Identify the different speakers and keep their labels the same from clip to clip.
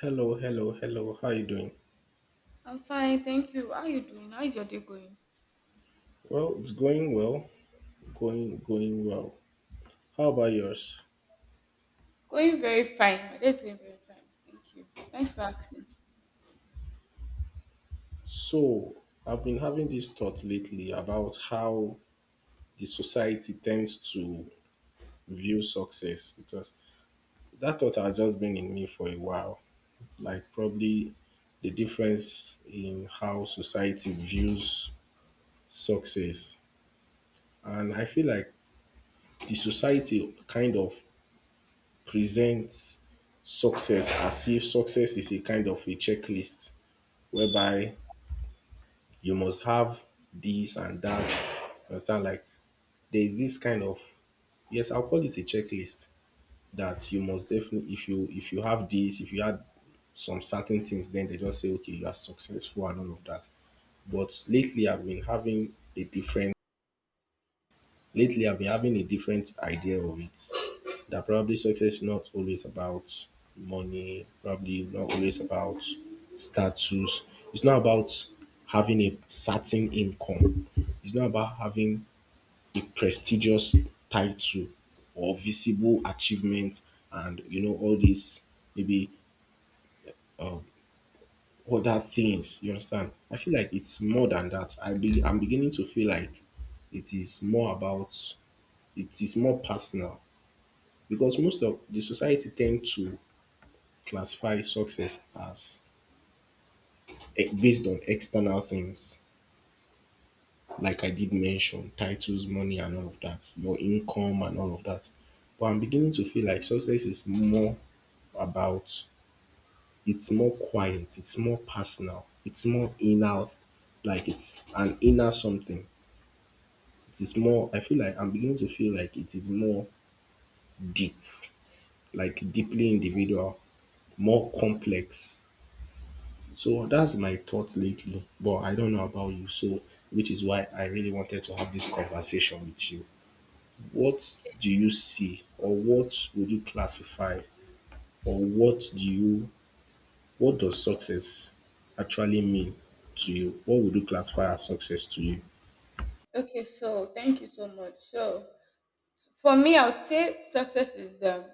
Speaker 1: Hello, hello, hello. How you doing?
Speaker 2: I'm fine, thank you. How are you doing? How is your day going?
Speaker 1: Well, it's going well, going well. How about yours?
Speaker 2: It's going very fine. My day is going very fine. Thank you. Thanks for asking.
Speaker 1: So, I've been having this thought lately about how the society tends to view success because that thought has just been in me for a while. Like probably the difference in how society views success. And I feel like the society kind of presents success as if success is a kind of a checklist whereby you must have this and that. You understand? Like there is this kind of yes, I'll call it a checklist that you must definitely if you have this, if you had some certain things, then they just say, okay, you are successful and all of that. But lately I've been having a different idea of it. That probably success is not always about money, probably not always about status. It's not about having a certain income. It's not about having a prestigious title or visible achievement and you know all these maybe uh, other things. You understand? I feel like it's more than that. I'm beginning to feel like it is more about it is more personal because most of the society tend to classify success as based on external things like I did mention titles, money and all of that, your income and all of that, but I'm beginning to feel like success is more about it's more quiet, it's more personal, it's more inner, like it's an inner something. It is more I feel like I'm beginning to feel like it is more deep, like deeply individual, more complex. So that's my thought lately, but I don't know about you. So, which is why I really wanted to have this conversation with you. What do you see, or what would you classify, or what do you, what does success actually mean to you? What would you classify as success to you?
Speaker 2: Okay. Okay, so thank you so much. So for me, I would say success is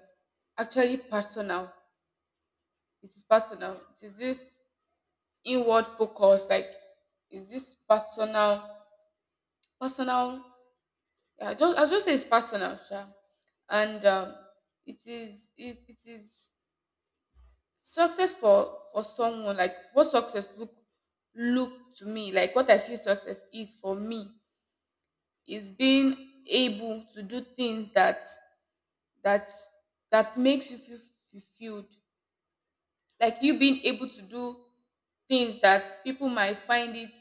Speaker 2: actually personal. It is personal. It is this inward focus, like is this personal, personal. Yeah, just I just say it's personal, sure. And it is it is success for someone, like what success look to me, like what I feel success is for me, is being able to do things that that makes you feel fulfilled. Like you being able to do things that people might find it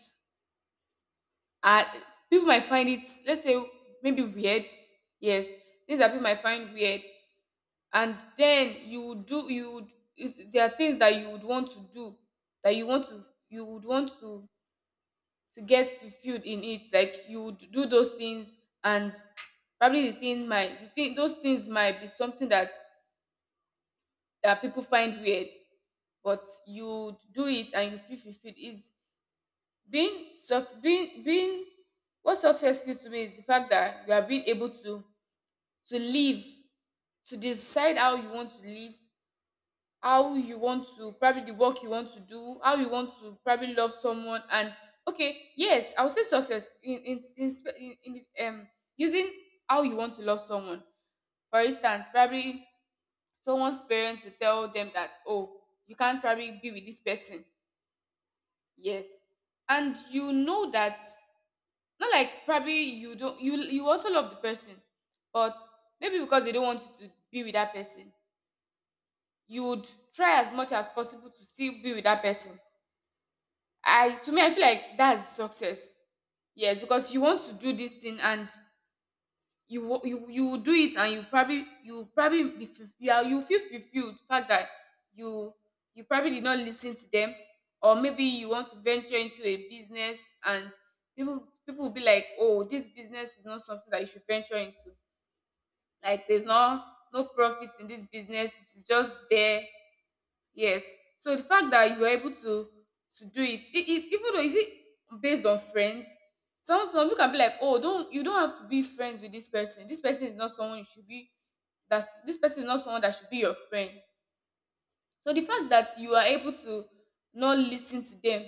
Speaker 2: uh, people might find it, let's say, maybe weird, yes, things that people might find weird. And then you would do you would it- there are things that you would want to do, that you would want to get fulfilled in it, like you would do those things. And probably the thing those things might be something that people find weird, but you do it and you feel fulfilled. Is being suc being being What success feels to me is the fact that you are being able to live, to decide how you want to live, how you want to, probably, the work you want to do, how you want to, probably, love someone. And okay, yes, I would say success in, spe- in the, using how you want to love someone for instance probably someone's parents will tell them that oh you can't probably be with this person yes and you know that not like probably you don't you you also love the person but maybe because they don't want you to be with that person you would try as much as possible to still be with that person I to me I feel like that's success. Yes, because you want to do this thing and you wa- you will do it, and you probably you are, you feel fulfilled, the fact that you you probably did not listen to them. Or maybe you want to venture into a business, and people will be like, oh, this business is not something that you should venture into, like there's no profit in this business, it's just there. Yes. So the fact that you were able to do it, even though is it based on friends, some people can be like, oh, don't you don't have to be friends with this person. This person is not someone you should be. That this person is not someone that should be your friend. So the fact that you are able to not listen to them,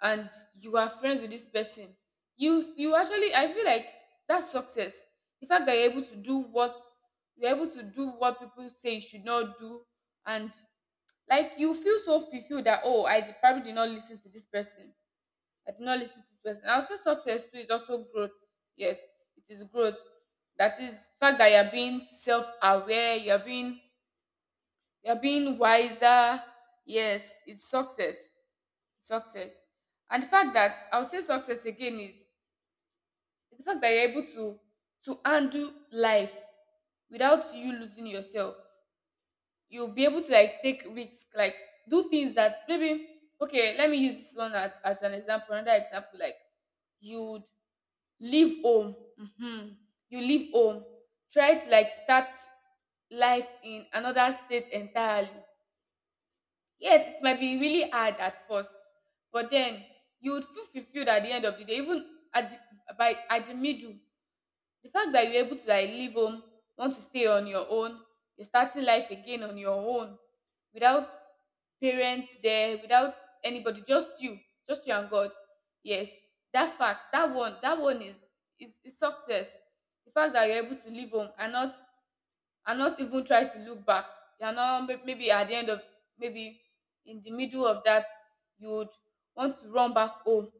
Speaker 2: and you are friends with this person, you actually, I feel like that's success. The fact that you're able to do what people say you should not do, and like you feel so fulfilled that, oh, probably did not listen to this person. I did not listen to this person. I'll say success too is also growth. Yes, it is growth. That is the fact that you're being self-aware, you're being wiser. Yes, it's success. Success. And the fact that, I'll say success again is the fact that you're able to handle life without you losing yourself. You'll be able to like take risks, like do things that maybe — okay, let me use this one as an example, another example, like you'd leave home. Hmm. You leave home. Try to like start life in another state entirely. Yes, it might be really hard at first, but then you would feel fulfilled at the end of the day, even by at the middle. The fact that you're able to like leave home, want to stay on your own, you're starting life again on your own, without parents there, without anybody, just you and God. Yes, that fact, that one is success. The fact that you're able to leave home and not even try to look back. You're not maybe at the end of maybe in the middle of that you would want to run back home,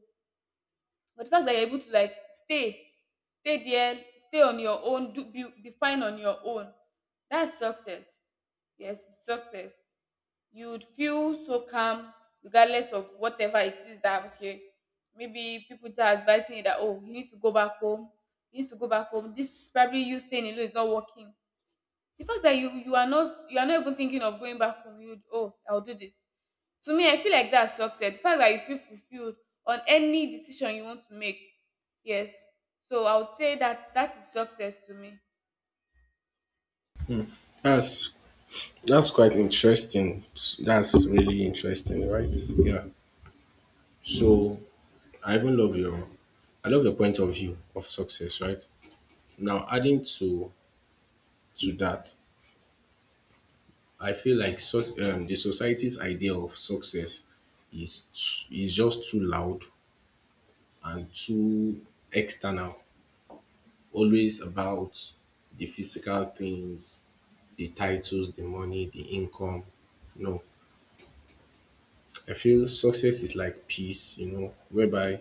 Speaker 2: but the fact that you're able to like stay, stay there, stay on your own, do be fine on your own, that's success. Yes, it's success. You'd feel so calm regardless of whatever it is that. Okay, maybe people are advising you that, oh, you need to go back home. You need to go back home. This is probably you staying alone is not working. The fact that you are not, you are not even thinking of going back home, you, oh, I'll do this. To me, I feel like that's success. The fact that you feel fulfilled on any decision you want to make. Yes. So I would say that that is success to me.
Speaker 1: That's that's quite interesting. That's really interesting, right? Yeah. So I even love your I love your point of view of success, right? Now adding to that, I feel like the society's idea of success is is just too loud and too external. Always about the physical things, the titles, the money, the income. No, I feel success is like peace. You know, whereby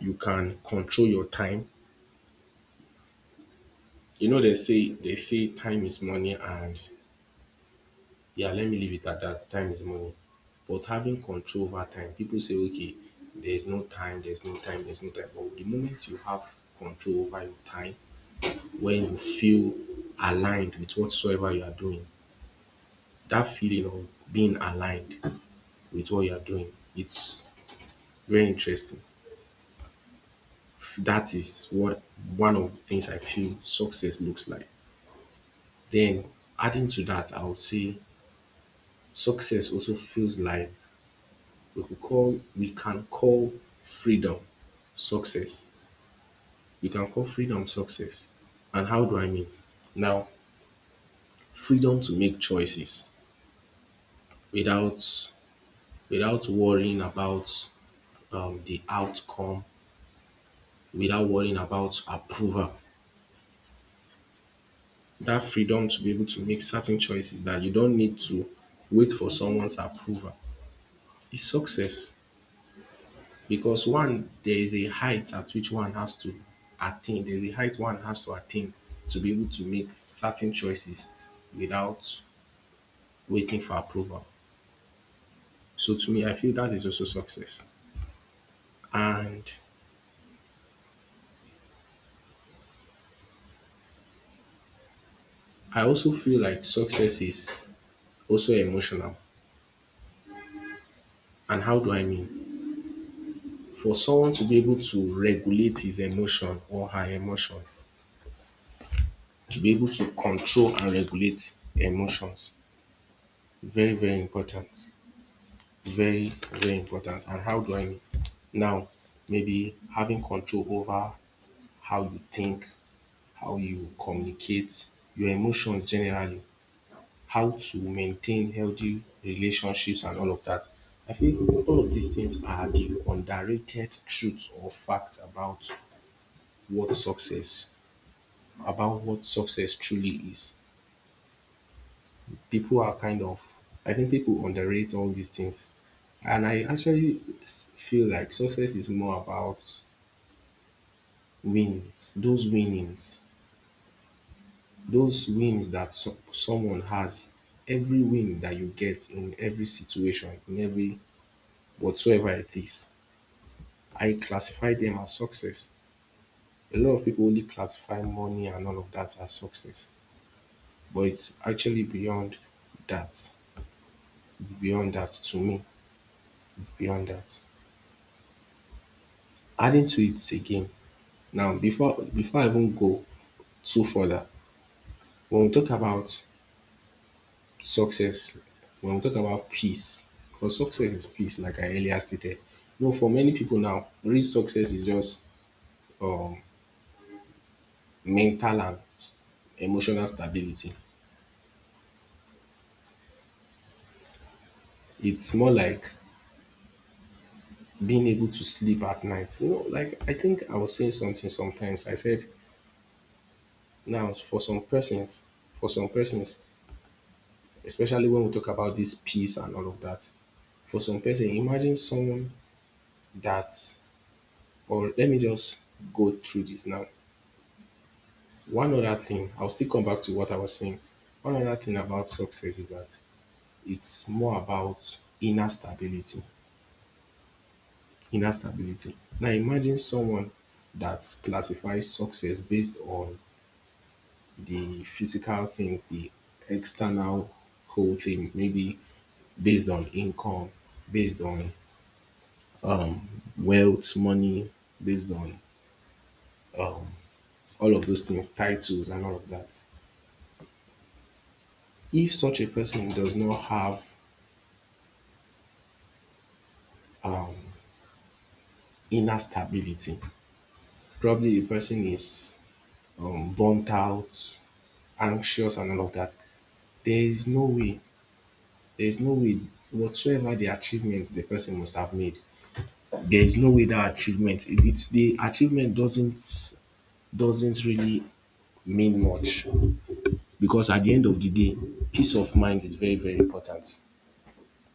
Speaker 1: you can control your time. You know, they say time is money, and yeah, let me leave it at that. Time is money. But having control over time, people say, okay, there's no time, there's no time, there's no time. But the moment you have control over your time, when you feel aligned with whatsoever you are doing, that feeling of being aligned with what you are doing, it's very interesting. That is what one of the things I feel success looks like. Then adding to that, I would say success also feels like we can call freedom success. We can call freedom success. And how do I mean? Now, freedom to make choices without without worrying about the outcome, without worrying about approval. That freedom to be able to make certain choices that you don't need to wait for someone's approval is success. Because one there is a height at which one has to attain. There's a height one has to attain to be able to make certain choices without waiting for approval. So to me, I feel that is also success. And I also feel like success is also emotional. And how do I mean? For someone to be able to regulate his emotion or her emotion, to be able to control and regulate emotions, very, very important. Very, very important. And how do I Now, maybe having control over how you think, how you communicate, your emotions generally, how to maintain healthy relationships and all of that. I feel all of these things are the underrated truths or facts what success, about what success truly is. People are kind of, I think people underrate all these things. And I actually feel like success is more about wins, those winnings, those wins that someone has. Every win that you get in every situation, in every whatsoever it is, I classify them as success. A lot of people only classify money and all of that as success, but it's actually beyond that. It's beyond that to me, it's beyond that. Adding to it again, now before I even go too further, when we talk about success, when we talk about peace, because success is peace, like I earlier stated. You know, for many people now, real success is just um, mental and emotional stability. It's more like being able to sleep at night. You know, like I think I was saying something sometimes. I said now for some persons, especially when we talk about this peace and all of that, for some person, imagine someone that, or let me just go through this now. One other thing, I'll still come back to what I was saying. One other thing about success is that it's more about inner stability. Inner stability. Now imagine someone that classifies success based on the physical things, the external whole thing, maybe based on income, based on wealth, money, based on all of those things, titles, and all of that. If such a person does not have um, inner stability, probably the person is burnt out, anxious, and all of that, there is no way, there is no way whatsoever the achievement the person must have made. There is no way that achievement, it's the achievement doesn't really mean much because at the end of the day, peace of mind is very, very important.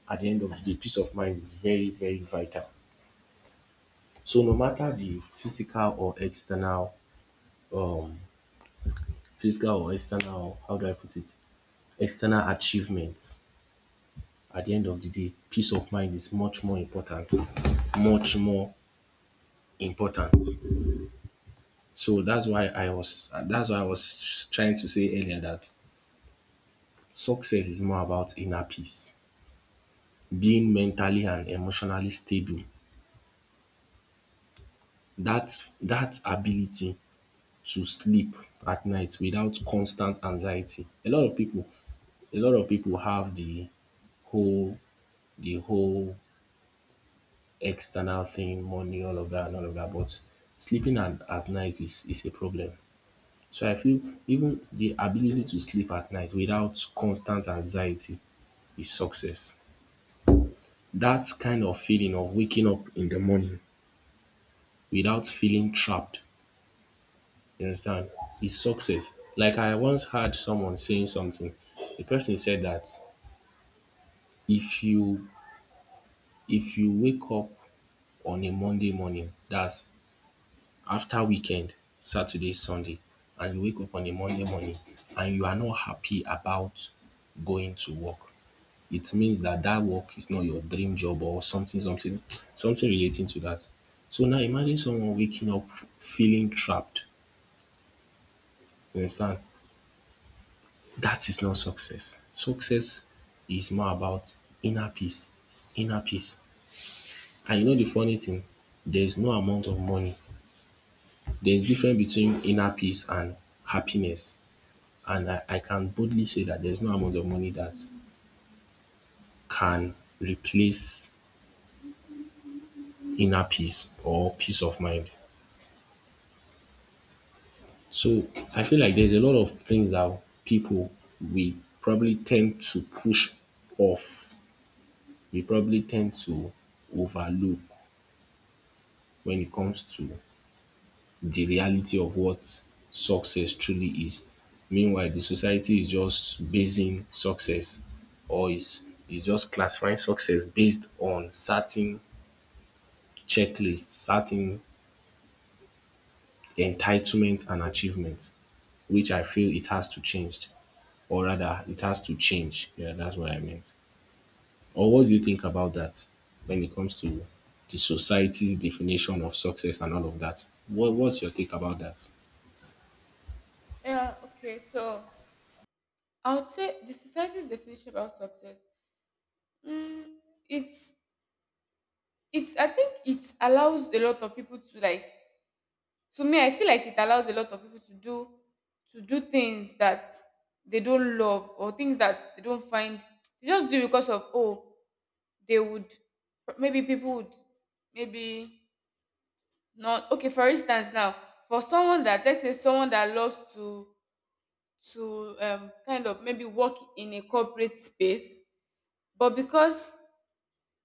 Speaker 1: At the end of the day, peace of mind is very, very vital. So no matter the um, physical or external, how do I put it, external achievements at the end of the day, peace of mind is much more important. Much more important. So that's why I was trying to say earlier that success is more about inner peace, being mentally and emotionally stable. That that ability to sleep at night without constant anxiety. A lot of people have whole the whole external thing, money, all of that and all of that, but sleeping at night is a problem. So I feel even the ability to sleep at night without constant anxiety is success. That kind of feeling of waking up in the morning without feeling trapped, you understand, is success. Like I once heard someone saying something. The person said that if you if you wake up on a Monday morning, that's after weekend, Saturday, Sunday, and you wake up on a Monday morning and you are not happy about going to work, it means that that work is not your dream job or something, something, something relating to that. So now imagine someone waking up feeling trapped. You understand? That is not success. Success is more about inner peace, inner peace. And you know the funny thing? There is no amount of money. There is difference between inner peace and happiness. And I can boldly say that there's no amount of money that can replace inner peace or peace of mind. So I feel like there's a lot of things that people we probably tend to push off. We probably tend to overlook when it comes to the reality of what success truly is. Meanwhile, the society is just basing success or is just classifying success based on certain checklists, certain entitlement and achievement, which I feel it has to change, or rather, it has to change. Yeah, that's what I meant. Or what do you think about that when it comes to the society's definition of success and all of that? What, what's your take about that?
Speaker 2: Yeah, okay. So I would say the society's definition about success. Mm, it's it's, I think it allows a lot of people to like — to me, I feel like it allows a lot of people to do things that they don't love, or things that they don't find, they just do because of, oh, they would, maybe people would, maybe not. Okay, for instance now, for someone that, let's say someone that loves to, um, kind of maybe work in a corporate space, but because —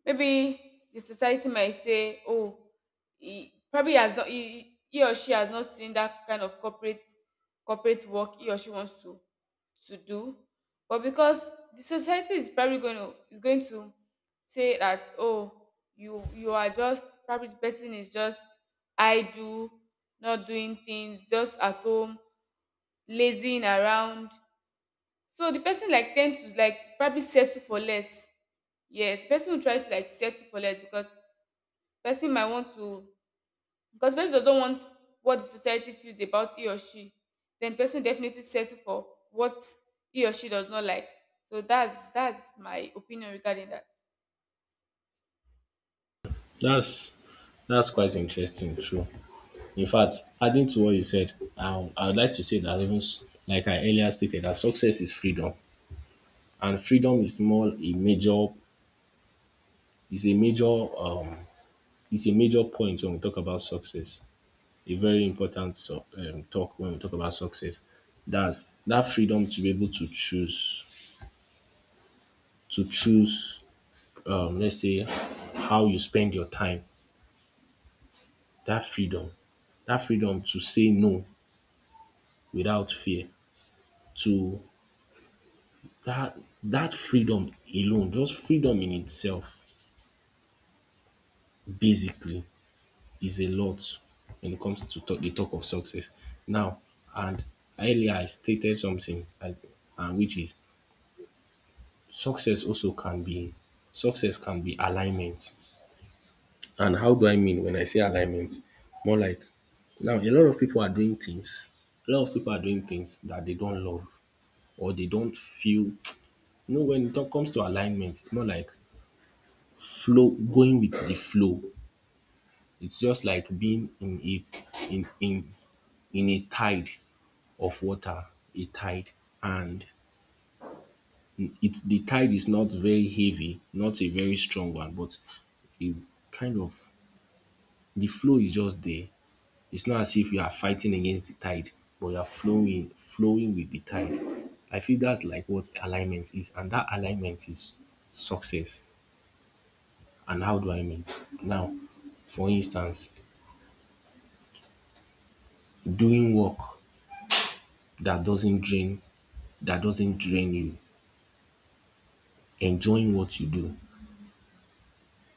Speaker 2: maybe the society might say, "Oh, he or she has not seen that kind of corporate work he or she wants to do." But because the society is probably going to, is going to say that, "Oh, you are just probably — the person is just idle, not doing things, just at home, lazing around." So the person like tend to like probably settle for less. Yes, the person will try to like settle for less because person might want to, because person doesn't want what the society feels about he or she. Then person will definitely settle for what he or she does not like. So that's my opinion regarding that.
Speaker 1: That's that's quite interesting, true. In fact, adding to what you said, I would like to say that even like I earlier stated, that success is freedom, and freedom is more a major is a major um is a major point when we talk about success, a very important so, talk when we talk about success. That's that freedom to be able to choose to choose let's say how you spend your time. That freedom, that freedom to say no without fear. To that that freedom alone, just freedom in itself, basically, is a lot when it comes to talk, the talk of success. Now, and earlier I stated something, I, and which is Success also can be success can be alignment. And how do I mean when I say alignment? More like now a lot of people are doing things. A lot of people are doing things that they don't love or they don't feel. You know, when it comes to alignment, it's more like flow, going with the flow. It's just like being in a in in in a tide of water, a tide, and it's the tide is not very heavy, not a very strong one, but it kind of the flow is just there. It's not as if you are fighting against the tide, but you are flowing, flowing with the tide. I feel that's like what alignment is, and that alignment is success. And how do I mean? Now, for instance, doing work that doesn't drain that doesn't drain you, enjoying what you do,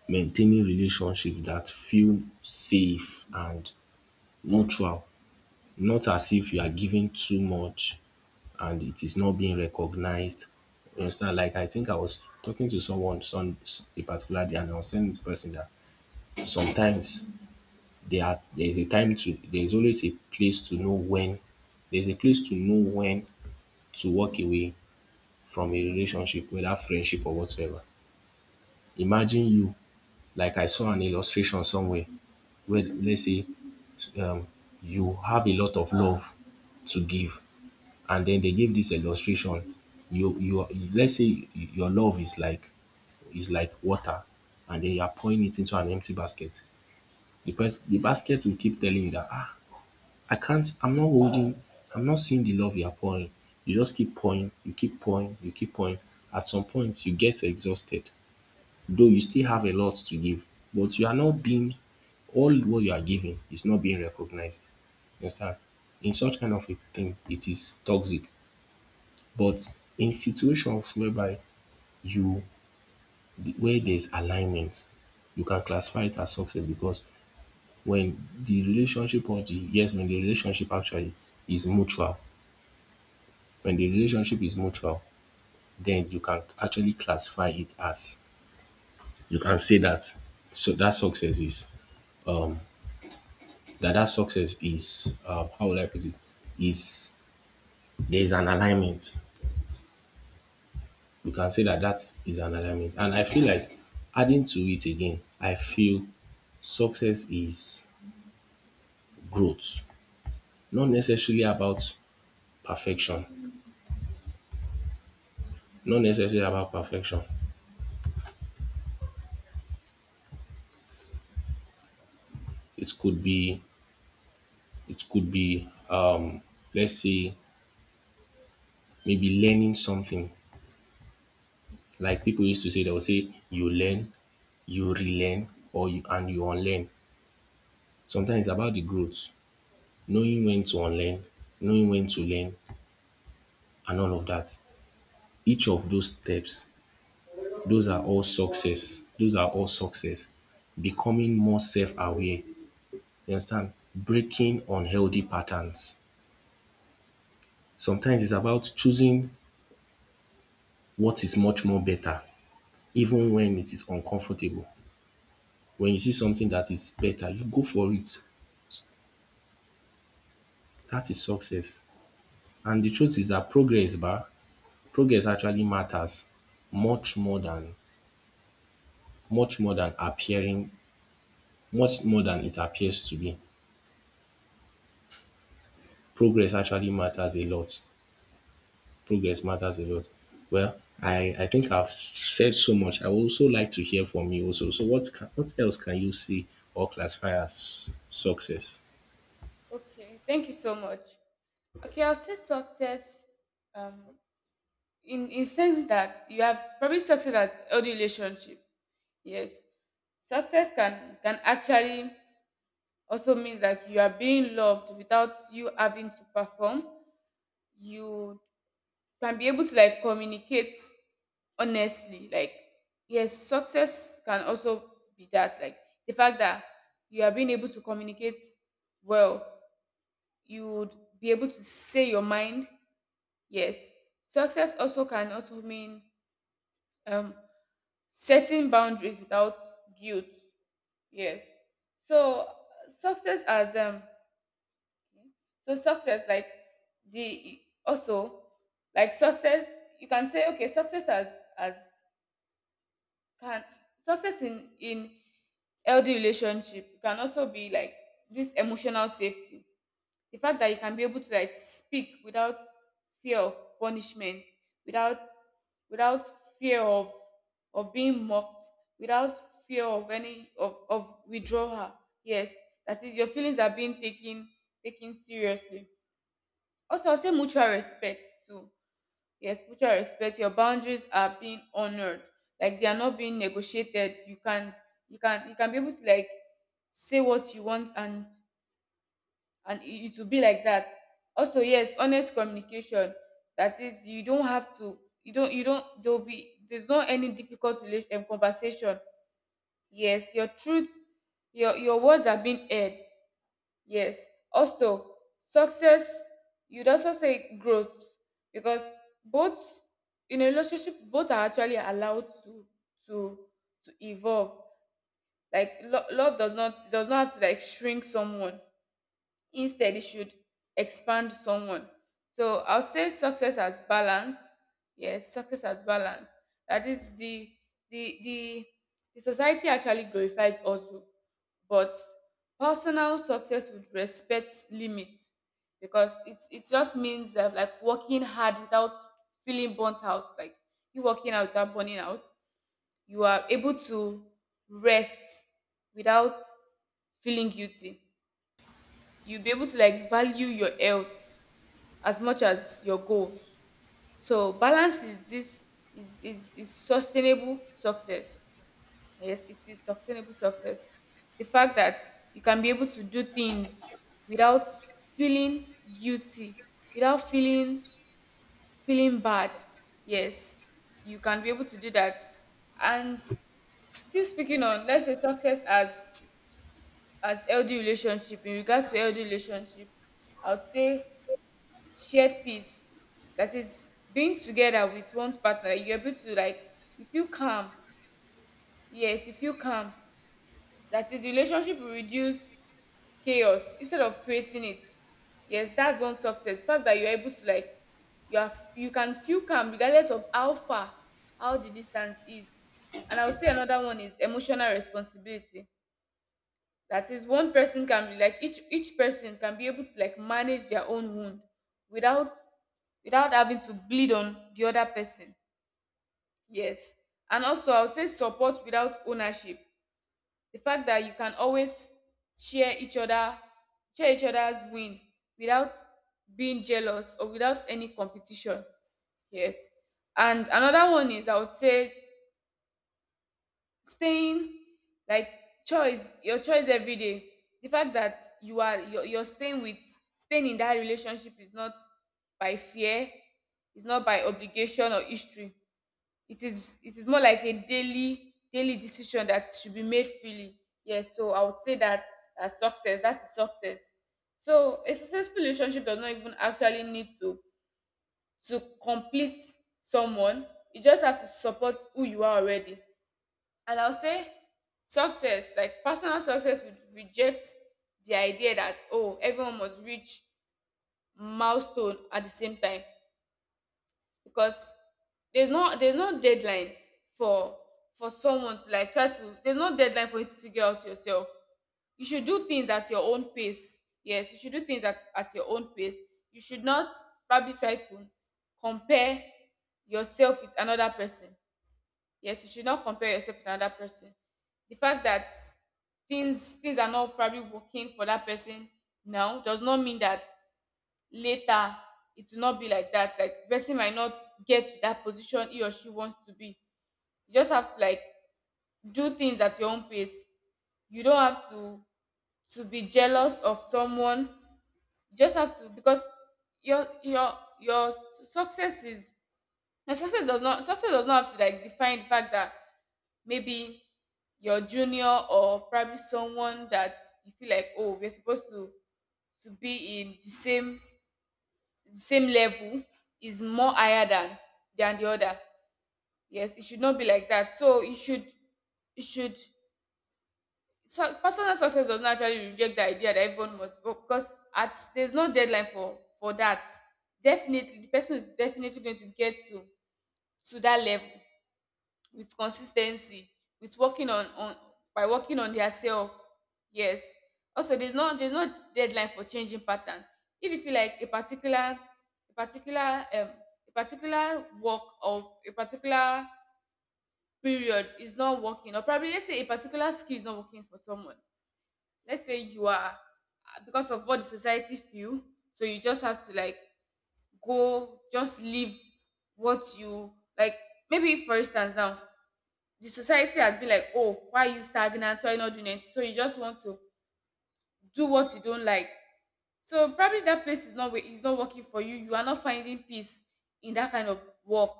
Speaker 1: maintaining relationships that feel safe and neutral, not as if you are giving too much and it is not being recognized. You understand? Like I think I was talking to someone some a particular day, and I was telling the person that sometimes there are there is a time to there is always a place to know when there is a place to know when to walk away from a relationship, whether friendship or whatsoever. Imagine you like I saw an illustration somewhere where let's say um you have a lot of love to give. And then they give this illustration. You Let's say your love is like water, and then you are pouring it into an empty basket. The basket will keep telling you that ah, I can't, I'm not holding, I'm not seeing the love you are pouring. You just keep pouring, you keep pouring, you keep pouring. At some point, you get exhausted, though you still have a lot to give, but you are not being all what you are giving is not being recognized. You understand? In such kind of a thing, it is toxic. But in situations whereby you where there's alignment, you can classify it as success because when the relationship actually is mutual, when the relationship is mutual, then you can actually classify it as you can say that so that success is that success is, how will I put it, is there is an alignment. We can say that that is an alignment. And I feel like adding to it again, I feel success is growth, not necessarily about perfection, not necessarily about perfection. It could be, it could be, um, let's say, maybe learning something. Like people used to say, they will say, you learn, you relearn, or you unlearn. Sometimes it's about the growth, knowing when to unlearn, knowing when to learn, and all of that. Each of those steps, those are all success. Those are all success. Becoming more self-aware. You understand? Breaking unhealthy patterns. Sometimes it's about choosing what is much more better, even when it is uncomfortable. When you see something that is better, you go for it. That is success. And the truth is that progress actually matters much more than much more than appearing much more than it appears to be. Progress actually matters a lot. Progress matters a lot. Well, I think I've said so much. I would also like to hear from you also. So what else can you see or classify as success?
Speaker 2: Okay, thank you so much. Okay, I'll say success um in sense that you have probably success at healthy relationship. Yes. Success can actually also means that you are being loved without you having to perform. You can be able to like communicate honestly. Like, yes, success can also be that. Like, the fact that you are being able to communicate well, you would be able to say your mind. Yes, success also can also mean, um, setting boundaries without guilt. Yes. So, success as so success, like the also like success, you can say, okay, success as can — success in healthy relationship can also be like this emotional safety. The fact that you can be able to like speak without fear of punishment, without without fear of being mocked, without fear of any of withdrawal. Yes, that is your feelings are being taken, taken seriously. Also, I'll say mutual respect too. Yes, mutual respect. Your boundaries are being honored. Like they are not being negotiated. You can you can be able to like say what you want, and it will be like that. Also, yes, honest communication. That is, you don't have to you don't you don't — there'll be there's not any difficult relation conversation. Yes, your truth, your words are being heard. Yes. Also, success, you'd also say growth, because both in a relationship, both are actually allowed to to to evolve. Like love does not have to like shrink someone, instead it should expand someone. So I'll say success as balance. Yes, success as balance. That is, the the, the society actually glorifies hustle, but personal success would respect limits, because it just means, like, working hard without feeling burnt out, like you working out without burning out. You are able to rest without feeling guilty. You'll be able to like value your health as much as your goals. So balance is this is sustainable success. Yes, it is sustainable success. The fact that you can be able to do things without feeling guilty, without feeling bad. Yes, you can be able to do that. And still speaking on, let's say, success as healthy relationship. In regards to healthy relationship, I would say shared peace. That is, being together with one's partner, you're able to like, you feel calm, yes you feel calm. That is, the relationship will reduce chaos instead of creating it. Yes, that's one success, the fact that you're able to like, you have, you can feel calm regardless of how far, how the distance is. And I'll say another one is emotional responsibility. That is, one person can be like, each person can be able to like manage their own wound without, without having to bleed on the other person. Yes. And also I would say support without ownership, the fact that you can always share each other share each other's win without being jealous or without any competition. Yes. And another one is, I would say, staying like choice, your choice every day. The fact that you're staying with, staying in that relationship is not by fear, it's not by obligation or history. It is more like a daily decision that should be made freely. Yes, so I would say that as success. That is success. So a successful relationship does not even actually need to complete someone. You just have to support who you are already. And I'll say success, like personal success would reject the idea that, oh, everyone must reach milestone at the same time, because there's no deadline for for someone to like try to, there's no deadline for you to figure out yourself. You should do things at your own pace. Yes, you should do things at your own pace. You should not probably try to compare yourself with another person. Yes, you should not compare yourself with another person. The fact that things are not probably working for that person now does not mean that later it will not be like that. Like, the person might not get to that position he or she wants to be. You just have to like do things at your own pace. You don't have to be jealous of someone. You just have to, because your success is, your success does not, success does not have to like define the fact that maybe your junior or probably someone that you feel like, oh, we're supposed to be in the same level, is more higher than the other. Yes, it should not be like that. So you should, you should, so personal success doesn't actually reject the idea that everyone must, because at, there's no deadline for that. Definitely, the person is definitely going to get to that level with consistency, with working on, by working on their self. Yes. Also, there's no deadline for changing pattern. If you feel like a particular, a particular a particular work or a particular period is not working, or probably let's say a particular skill is not working for someone, let's say you are, because of what the society feel, so you just have to like go, just leave what you like. Maybe for instance now, the society has been like, oh, why are you stagnant? Why are you not doing anything? So you just want to do what you don't like. So probably that place is not wa- is not working for you. You are not finding peace in that kind of work.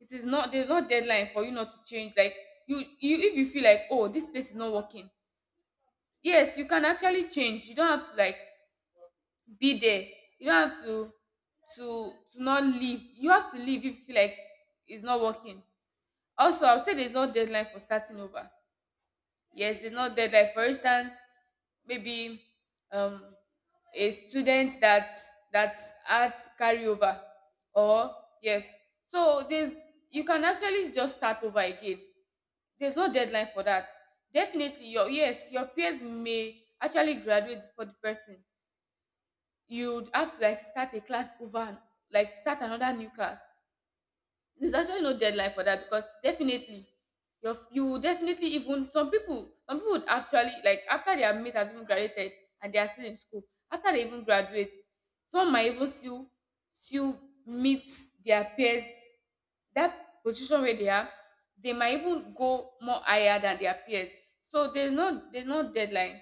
Speaker 2: It is not, there's no deadline for you not to change. Like, you if you feel like, oh, this place is not working, yes, you can actually change. You don't have to like be there. You don't have to, to not leave. You have to leave if you feel like it's not working. Also, I'll say there's no deadline for starting over. Yes, there's no deadline. For instance, maybe um, a student that, that had carryover, or, yes, so there's, you can actually just start over again. There's no deadline for that. Definitely, your, yes, your peers may actually graduate for the person. You'd have to like start a class over, and like start another new class. There's actually no deadline for that because definitely you are, you will definitely, even some people would actually like, after their mate has even graduated and they are still in school, after they even graduate, some might even still meet their peers, that position where they are. They might even go more higher than their peers. So there's no deadline.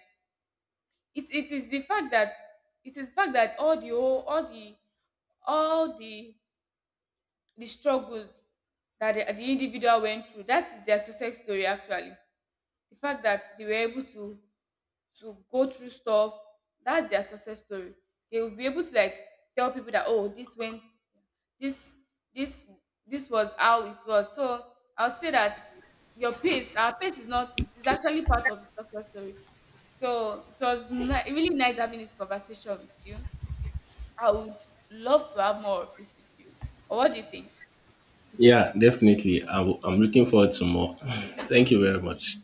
Speaker 2: It is the fact that, all the whole, all the, all the struggles that the individual went through, that is their success story actually. The fact that they were able to go through stuff, that's their success story. They will be able to like tell people that, oh, this went, this this this was how it was. So I'll say that your pace, our pace is not, is, is actually part of the success story. So it was really nice having this conversation with you. I would love to have more of this with you. Or what do you think?
Speaker 1: Yeah, definitely. I'm looking forward to more. Thank you very much.